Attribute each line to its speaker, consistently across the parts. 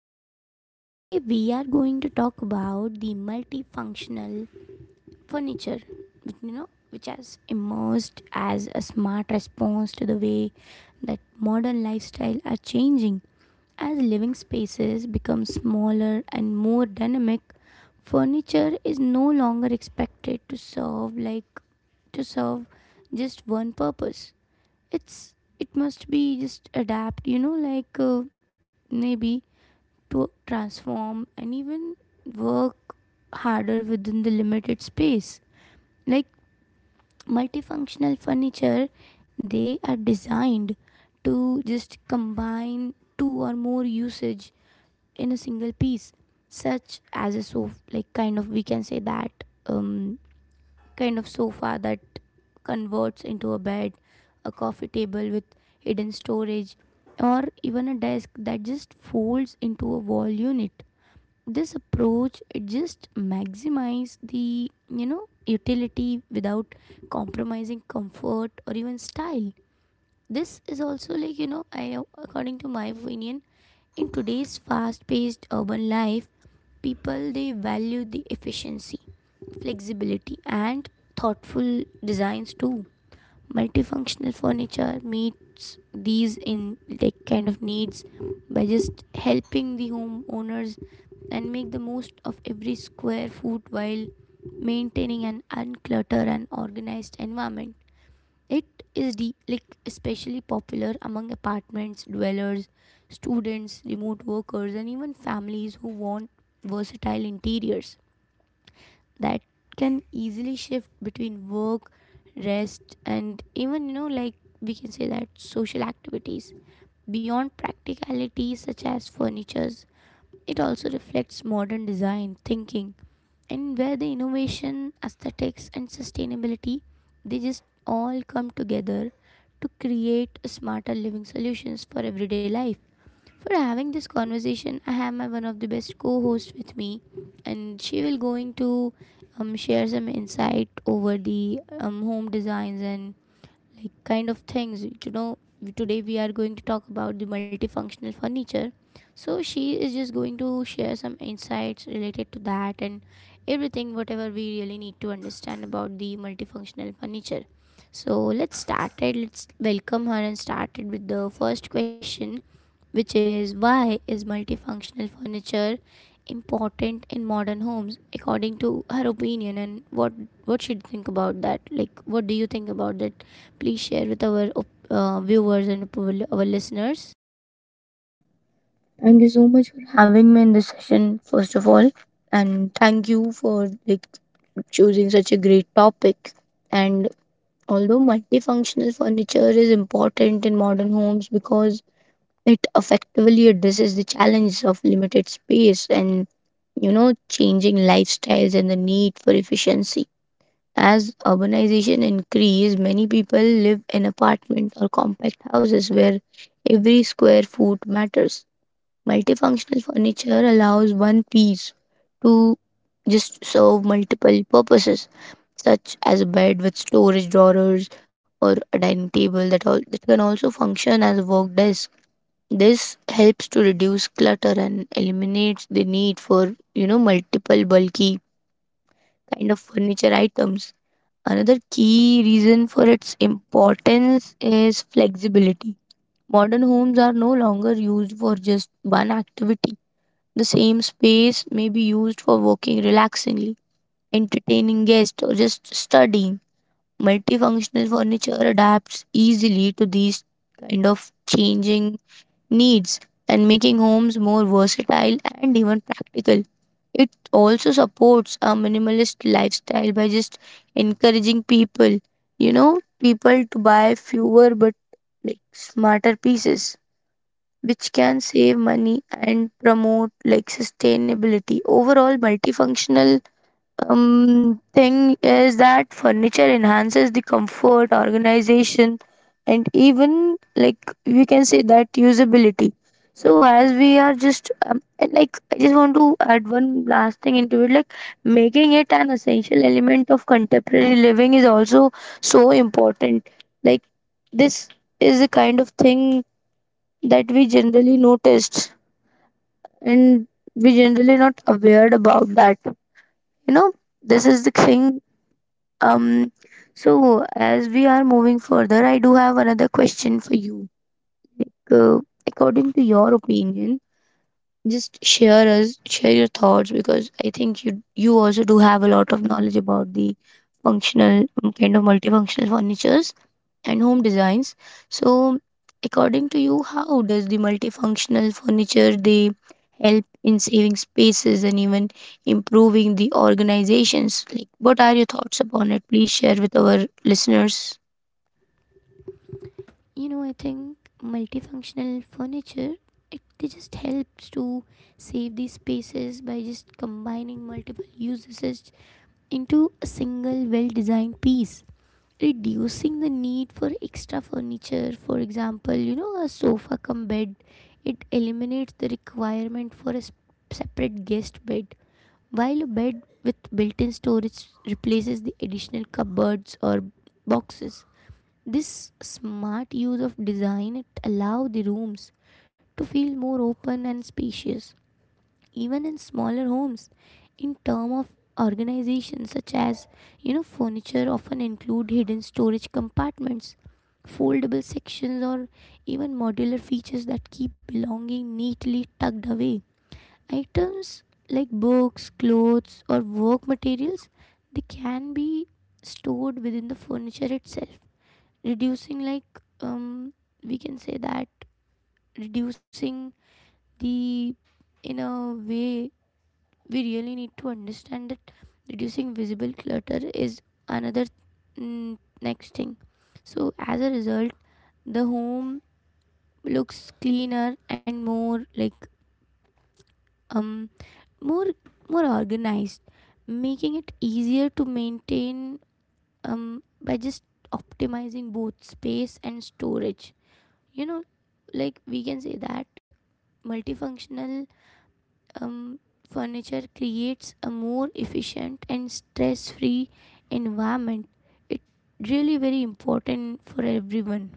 Speaker 1: everyone. Today we are going to talk about the multifunctional furniture, which has emerged as a smart response to the way that modern lifestyle are changing. As living spaces become smaller and more dynamic, furniture is no longer expected to serve like to serve just one purpose. It's it must be just adapt, you know, like maybe to transform and even work harder within the limited space. Like multifunctional furniture, they are designed to just combine two or more usage in a single piece, such as a sofa, like kind of we can say that um, kind of sofa that converts into a bed, a coffee table with hidden storage, or even a desk that just folds into a wall unit. This approach it just maximize the utility without compromising comfort or even style. This is also I according to my opinion, in today's fast paced urban life, people they value the efficiency, flexibility, and thoughtful designs too. Multifunctional furniture meets these in needs by just helping the homeowners and make the most of every square foot while maintaining an uncluttered and organized environment. It is especially popular among apartments dwellers, students, remote workers, and even families who want versatile interiors that can easily shift between work, rest, and even, you know, like we can say that social activities. Beyond practicalities such as furnitures, it also reflects modern design thinking, and where the innovation, aesthetics, and sustainability they just all come together to create a smarter living solutions for everyday life. For having this conversation, I have my one of the best co-hosts with me, and she will going to share some insight over the home designs and like kind of things. You know, today we are going to talk about the multifunctional furniture. So she is just going to share some insights related to that and everything whatever we really need to understand about the multifunctional furniture. So let's start it. Let's welcome her and start it with the first question, which is why is multifunctional furniture important in modern homes according to her opinion, and what she think about that, like what do you think about that? Please share with our viewers and our listeners.
Speaker 2: Thank you so much for having me in this session, first of all. And thank you for choosing such a great topic. And although multifunctional furniture is important in modern homes because it effectively addresses the challenges of limited space and changing lifestyles and the need for efficiency. As urbanization increases, many people live in apartment or compact houses where every square foot matters. Multifunctional furniture allows one piece to just serve multiple purposes, such as a bed with storage drawers or a dining table that can also function as a work desk. This helps to reduce clutter and eliminates the need for, multiple bulky kind of furniture items. Another key reason for its importance is flexibility. Modern homes are no longer used for just one activity. The same space may be used for working relaxingly, entertaining guests, or just studying. Multifunctional furniture adapts easily to these kind of changing needs and making homes more versatile and even practical. It also supports a minimalist lifestyle by just encouraging people, you know, people to buy fewer but smarter pieces which can save money and promote sustainability. Overall, multifunctional thing is that furniture enhances the comfort organization and even we can say that usability. So as we are just and like I just want to add one last thing into it, making it an essential element of contemporary living is also so important. Like, this is a kind of thing that we generally noticed and we generally not aware about that, you know this is the thing. Um so as we are moving further, I do have another question for you. like uh, According to your opinion, just share us share your thoughts because I think you also do have a lot of knowledge about the functional kind of multifunctional furnitures and home designs. So, according to you, how does the multifunctional furniture they help in saving spaces and even improving the organizations? Like, what are your thoughts upon it? Please share with our listeners.
Speaker 1: You know, I think multifunctional furniture it they just helps to save these spaces by just combining multiple uses into a single well designed piece, reducing the need for extra furniture. For example, you know, a sofa cum bed, it eliminates the requirement for separate guest bed, while a bed with built-in storage replaces the additional cupboards or boxes. This smart use of design it allow the rooms to feel more open and spacious even in smaller homes. In term of organization, such as you know, furniture often include hidden storage compartments, foldable sections, or even modular features that keep belonging neatly tucked away. Items like books, clothes, or work materials, they can be stored within the furniture itself, reducing like we can say that reducing the in a way we really need to understand that reducing visible clutter is another next thing. So as a result, the home looks cleaner and more um more organized, making it easier to maintain by just optimizing both space and storage. You know, like we can say that multifunctional um, furniture creates a more efficient and stress-free environment. It really very important for everyone.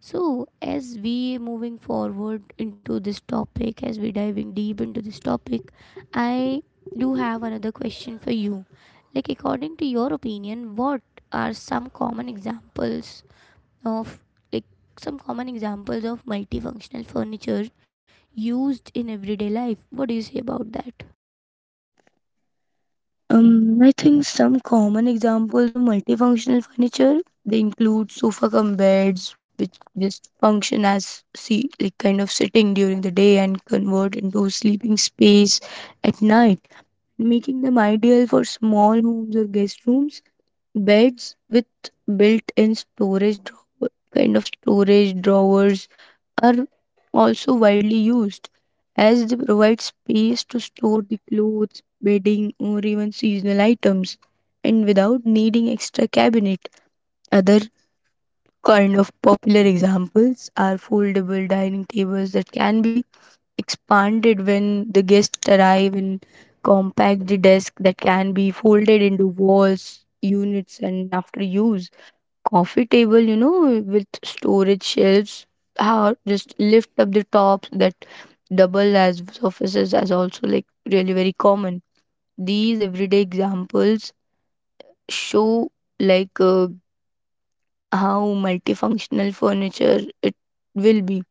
Speaker 1: So as we moving forward into this topic, as we diving deep into this topic, I do have another question for you. Like according to your opinion, what are some common examples of like multifunctional furniture used in everyday life? What do you say about that?
Speaker 2: I think some common examples of multifunctional furniture they include sofa cum beds, which just function as see like kind of sitting during the day and convert into sleeping space at night, making them ideal for small homes or guest rooms. Beds with built-in storage drawer, kind of storage drawers are also widely used as they provide space to store the clothes, bedding, or even seasonal items and without needing extra cabinet. Other kind of popular examples are foldable dining tables that can be expanded when the guests arrive, and compact the desk that can be folded into walls, units and after use, coffee table, with storage shelves. How just lift up the tops that double as surfaces as also really very common. These everyday examples show like uh, how multifunctional furniture it will be.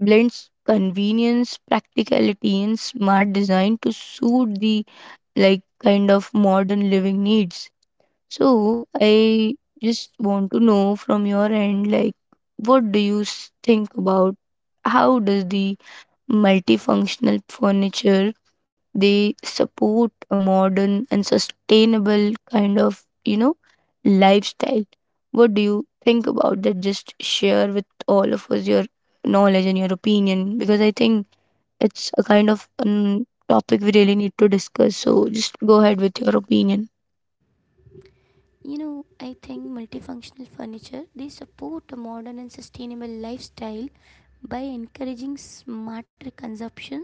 Speaker 2: Blends convenience, practicality, and smart design to suit the kind of modern living needs. So I just want to know from your end, like, what do you think about how does the multifunctional furniture they support a modern and sustainable kind of lifestyle? What do you think about that? Just share with all of us your knowledge and your opinion because I think it's a kind of topic we really need to discuss. So just go ahead with your opinion.
Speaker 1: You know, I think multifunctional furniture they support a modern and sustainable lifestyle by encouraging smarter consumptions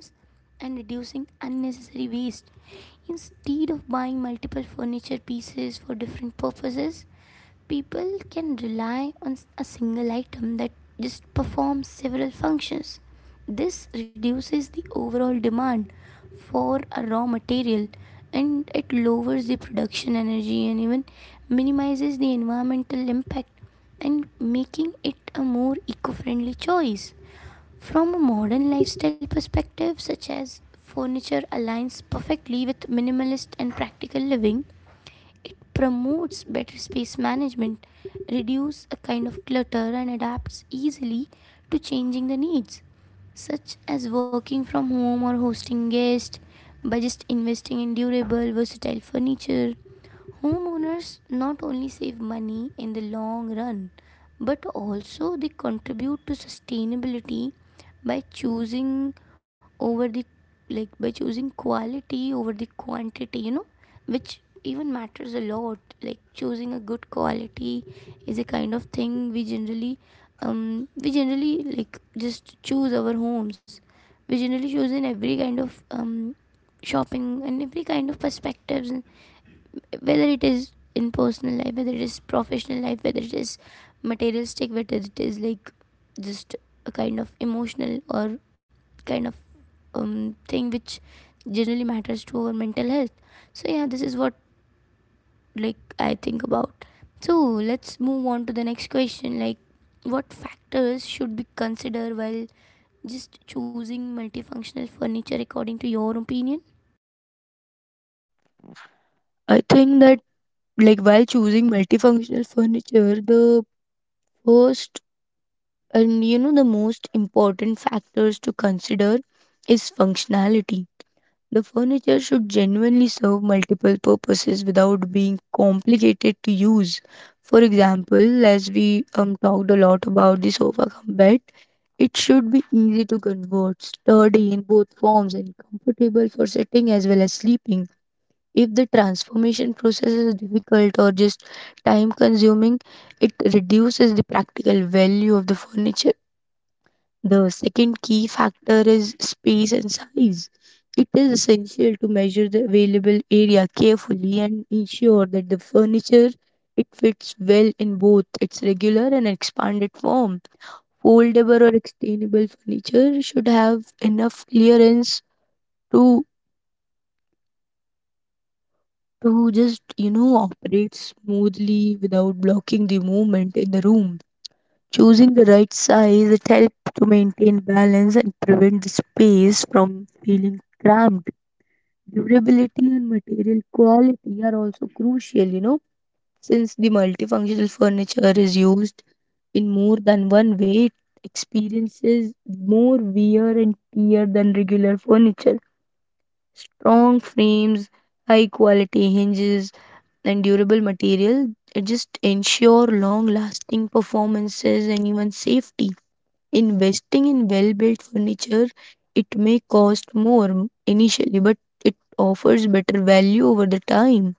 Speaker 1: and reducing unnecessary waste. Instead of buying multiple furniture pieces for different purposes, people can rely on a single item that just performs several functions. This reduces the overall demand for a raw material, and it lowers the production energy and even minimizes the environmental impact, and making it a more eco-friendly choice. From a modern lifestyle perspective, such as furniture aligns perfectly with minimalist and practical living. It promotes better space management, reduces a kind of clutter, and adapts easily to changing the needs, such as working from home or hosting guests by just investing in durable, versatile furniture. Homeowners not only save money in the long run, but also they contribute to sustainability by over the choosing quality over the quantity, you know, which even matters a lot. Like choosing a good quality is a kind of thing we generally like just choose our homes, we generally choose in every kind of shopping and every kind of perspectives, and whether it is in personal life, whether it is professional life, whether it is materialistic, whether it is like just a kind of emotional or kind of thing which generally matters to our mental health. So yeah, this is what like I think about. So let's move on to the next question, like what factors should be considered while just choosing multifunctional furniture according to your opinion?
Speaker 2: I think that while choosing multifunctional furniture, the first and the most important factors to consider is functionality. The furniture should genuinely serve multiple purposes without being complicated to use. For example, as we talked a lot about the sofa cum bed, it should be easy to convert, sturdy in both forms, and comfortable for sitting as well as sleeping. If the transformation process is difficult or just time consuming, it reduces the practical value of the furniture. The second key factor is space and size. It is essential to measure the available area carefully and ensure that the furniture it fits well in both its regular and expanded form. Foldable or extendable furniture should have enough clearance to just, operate smoothly without blocking the movement in the room. Choosing the right size, it helps to maintain balance and prevent the space from feeling cramped. Durability and material quality are also crucial, since the multifunctional furniture is used in more than one way, it experiences more wear and tear than regular furniture. Strong frames, high quality hinges, and durable material, it just ensure long lasting performances and even safety. Investing in well built furniture, it may cost more initially, but it offers better value over the time.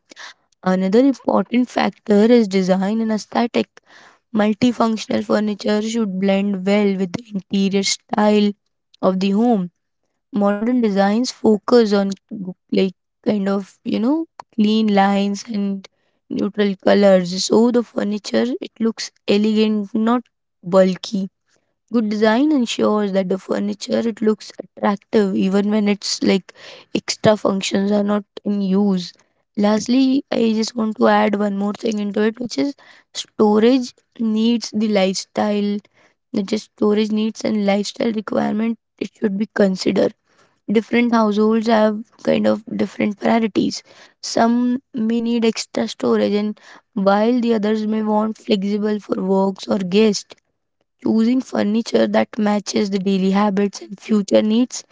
Speaker 2: Another important factor is design and aesthetic. Multifunctional furniture should blend well with the interior style of the home. Modern designs focus on kind of clean lines and neutral colors, so the furniture it looks elegant, not bulky. Good design ensures that the furniture it looks attractive even when its extra functions are not in use. Lastly, I just want to add one more thing into it, which is storage needs the lifestyle. Not just storage needs and lifestyle requirement, it should be considered. Different households have kind of different priorities. Some may need extra storage, and while the others may want flexible for works or guests. Choosing furniture that matches the daily habits and future needs,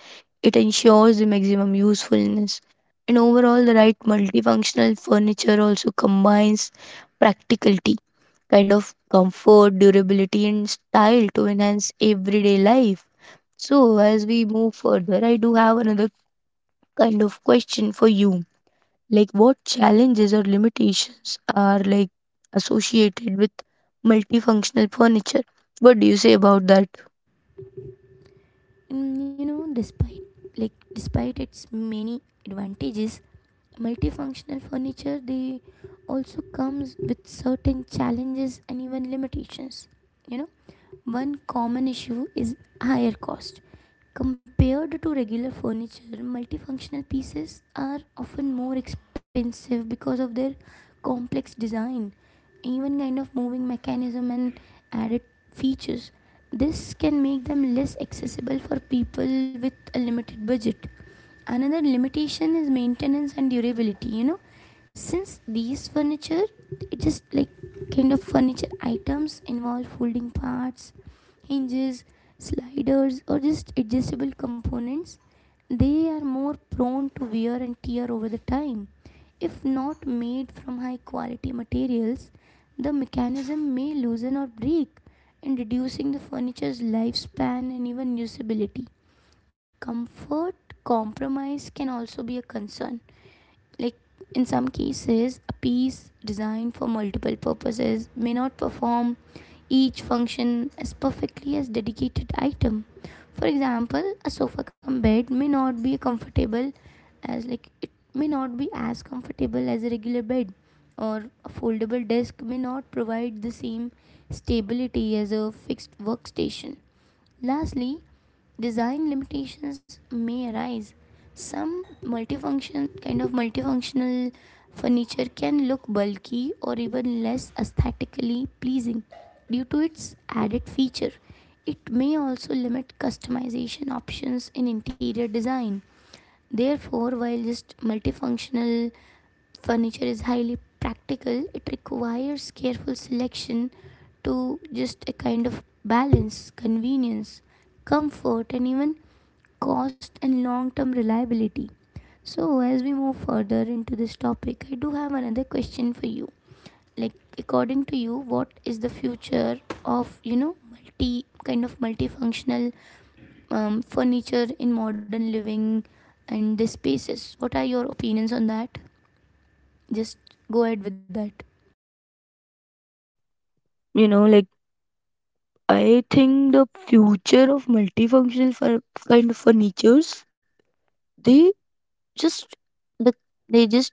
Speaker 2: it ensures the maximum usefulness. And overall, the right multifunctional furniture also combines practicality, kind of comfort, durability, and style to enhance everyday life. So, as we move further, I do have another kind of question for you. Like, what challenges or limitations are associated with multifunctional furniture? What do you say about that?
Speaker 1: You know, despite its many advantages, multifunctional furniture they also comes with certain challenges and even limitations. You know, one common issue is higher cost. Compared to regular furniture, multifunctional pieces are often more expensive because of their complex design, even kind of moving mechanism and added features. This can make them less accessible for people with a limited budget. Another limitation is maintenance and durability. You know, since these furniture it just like kind of furniture items involve folding parts, hinges, sliders, or just adjustable components, they are more prone to wear and tear over the time. If not made from high quality materials, the mechanism may loosen or break, and reducing the furniture's lifespan and even usability. Comfort compromise can also be a concern. Like in some cases, a piece designed for multiple purposes may not perform each function as perfectly as dedicated item. For example, a sofa cum bed as like it may not be as comfortable as a regular bed, or a foldable desk may not provide the same stability as a fixed workstation. Lastly, design limitations may arise. Some multifunctional furniture can look bulky or even less aesthetically pleasing due to its added feature. It may also limit customization options in interior design. Therefore, while just multifunctional furniture is highly practical, it requires careful selection to just a kind of balance, convenience, comfort, and even cost and long term reliability. So, as we move further into this topic, I do have another question for you. Like, according to you, what is the future of you know multifunctional furniture in modern living and the spaces? What are your opinions on that? Just go ahead with that.
Speaker 2: You know, I think the future of multifunctional kind of furnitures, they just, the, they just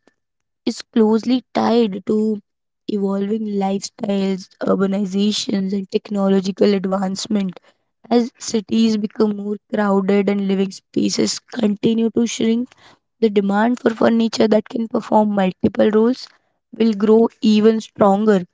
Speaker 2: is closely tied to evolving lifestyles, urbanizations, and technological advancement. As cities become more crowded and living spaces continue to shrink, the demand for furniture that can perform multiple roles will grow even stronger.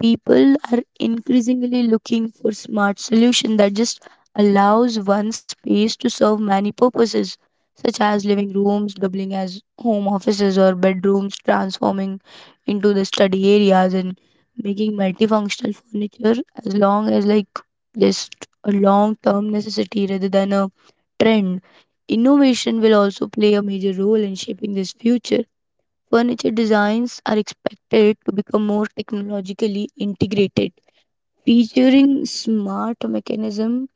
Speaker 2: People are increasingly looking for smart solution that just allows one space to serve many purposes, such as living rooms doubling as home offices or bedrooms transforming into the study areas, and making multifunctional furniture as long as just a long term necessity rather than a trend. Innovation will also play a major role in shaping this future. Furniture designs are expected to become more technologically integrated, featuring smart mechanism,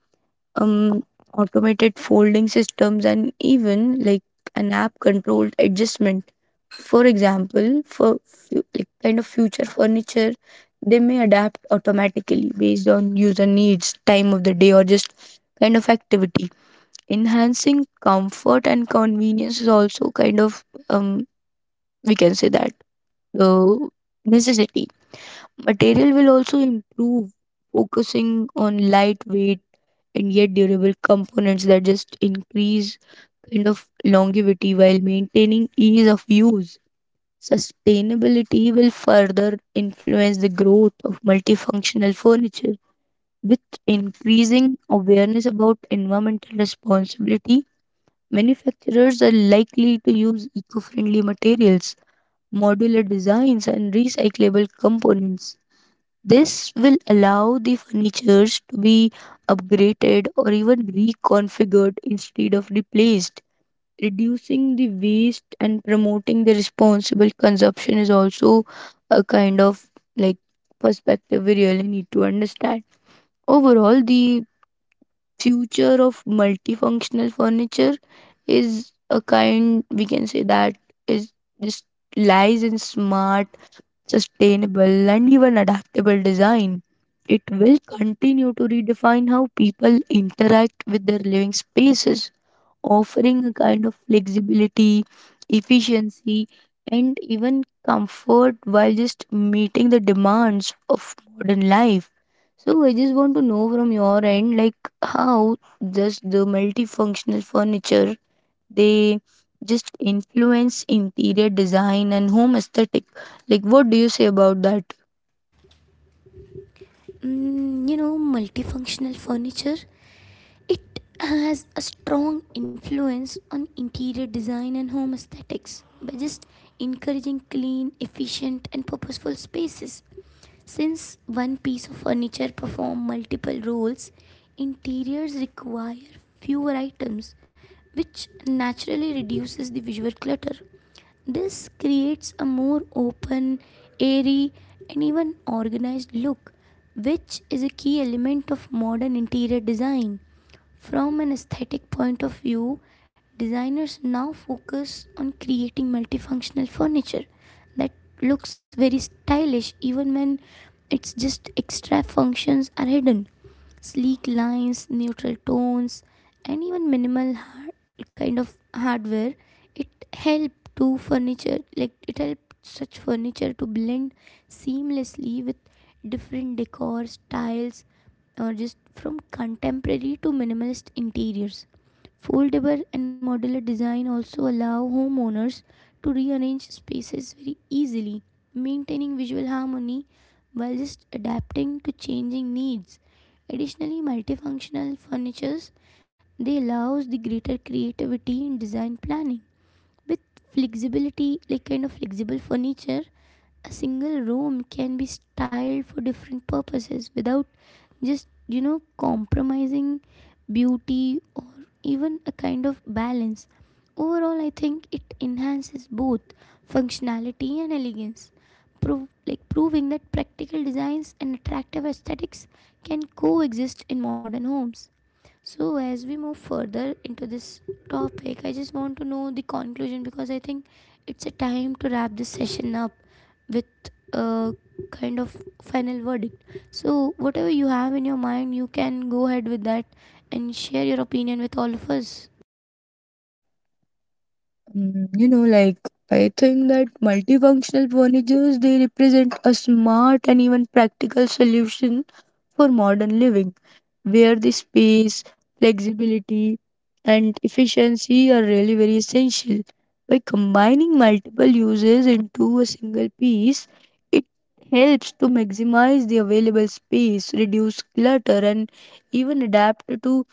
Speaker 2: um, automated folding systems, and even an app-controlled adjustment. For example, for kind of future furniture, they may adapt automatically based on user needs, time of the day, or just kind of activity. Enhancing comfort and convenience is also kind of um, we can say that uh, necessity. Material will also improve, focusing on lightweight and yet durable components that just increase kind of longevity while maintaining ease of use. Sustainability will further influence the growth of multifunctional furniture. With increasing awareness about environmental responsibility, manufacturers are likely to use eco friendly materials, modular designs, and recyclable components. This will allow the furnitures to be upgraded or even reconfigured instead of replaced. Reducing the waste and promoting the responsible consumption is also a kind of like perspective we really need to understand. Overall, the future of multifunctional furniture is a kind we can say that is just lies in smart, sustainable, and even adaptable design. It will continue to redefine how people interact with their living spaces, offering a kind of flexibility, efficiency, and even comfort while just meeting the demands of modern life. So I just want to know from your end, like, how does the multifunctional furniture they just influence interior design and home aesthetic. Like, what do you say about that?
Speaker 1: You know, multifunctional furniture, it has a strong influence on interior design and home aesthetics by just encouraging clean, efficient, and purposeful spaces. Since one piece of furniture performs multiple roles, interiors require fewer items, which naturally reduces the visual clutter. This creates a more open, airy, and even organized look, which is a key element of modern interior design. From an aesthetic point of view, designers now focus on creating multifunctional furniture that looks very stylish even when it's just extra functions are hidden. Sleek lines, neutral tones, and even minimal hardware. It it helped such furniture to blend seamlessly with different decor styles, or just from contemporary to minimalist interiors. Foldable and modular design also allow homeowners to rearrange spaces very easily, maintaining visual harmony while just adapting to changing needs. Additionally, multifunctional furnitures they allows the greater creativity in design planning. With flexibility, flexible furniture, a single room can be styled for different purposes without just you know compromising beauty or even a kind of balance. Overall, I think it enhances both functionality and elegance. Proving that practical designs and attractive aesthetics can coexist in modern homes. So, as we move further into this topic, I just want to know the conclusion, because I think it's a time to wrap this session up with a kind of final verdict. So, whatever you have in your mind, you can go ahead with that and share your opinion with all of us.
Speaker 2: You know, I think that multifunctional furnitures they represent a smart and even practical solution for modern living, where the space, flexibility, and efficiency are really very essential. By combining multiple uses into a single piece, it helps to maximize the available space, reduce clutter, and even adapt to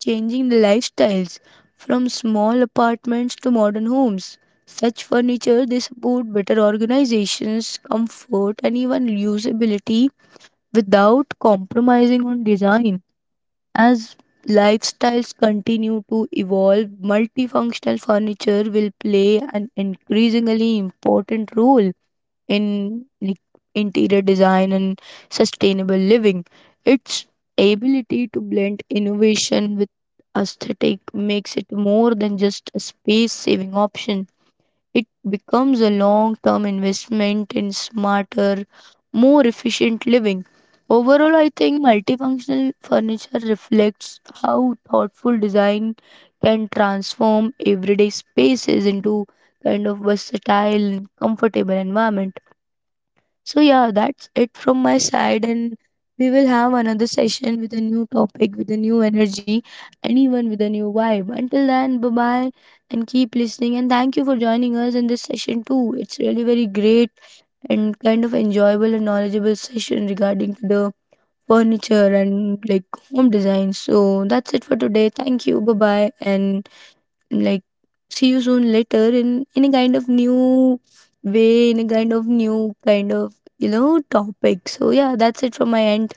Speaker 2: changing the lifestyles from small apartments to modern homes. Such furniture they support better organizations, comfort, and even usability without compromising on design. As lifestyles continue to evolve, multifunctional furniture will play an increasingly important role in interior design and sustainable living. Its ability to blend innovation with aesthetic makes it more than just a space saving option. It becomes a long term investment in smarter, more efficient living. Overall, I think multifunctional furniture reflects how thoughtful design can transform everyday spaces into kind of versatile and comfortable environment. So, yeah, that's it from my side. And we will have another session with a new topic, with a new energy, and even with a new vibe. Until then, bye bye and keep listening. And thank you for joining us in this session too. It's really very great and kind of enjoyable and knowledgeable session regarding to the furniture and home design. So, that's it for today. Thank you. Bye bye. And like see you soon later in a kind of new way, in a kind of new kind of topic. So yeah, that's it from my end.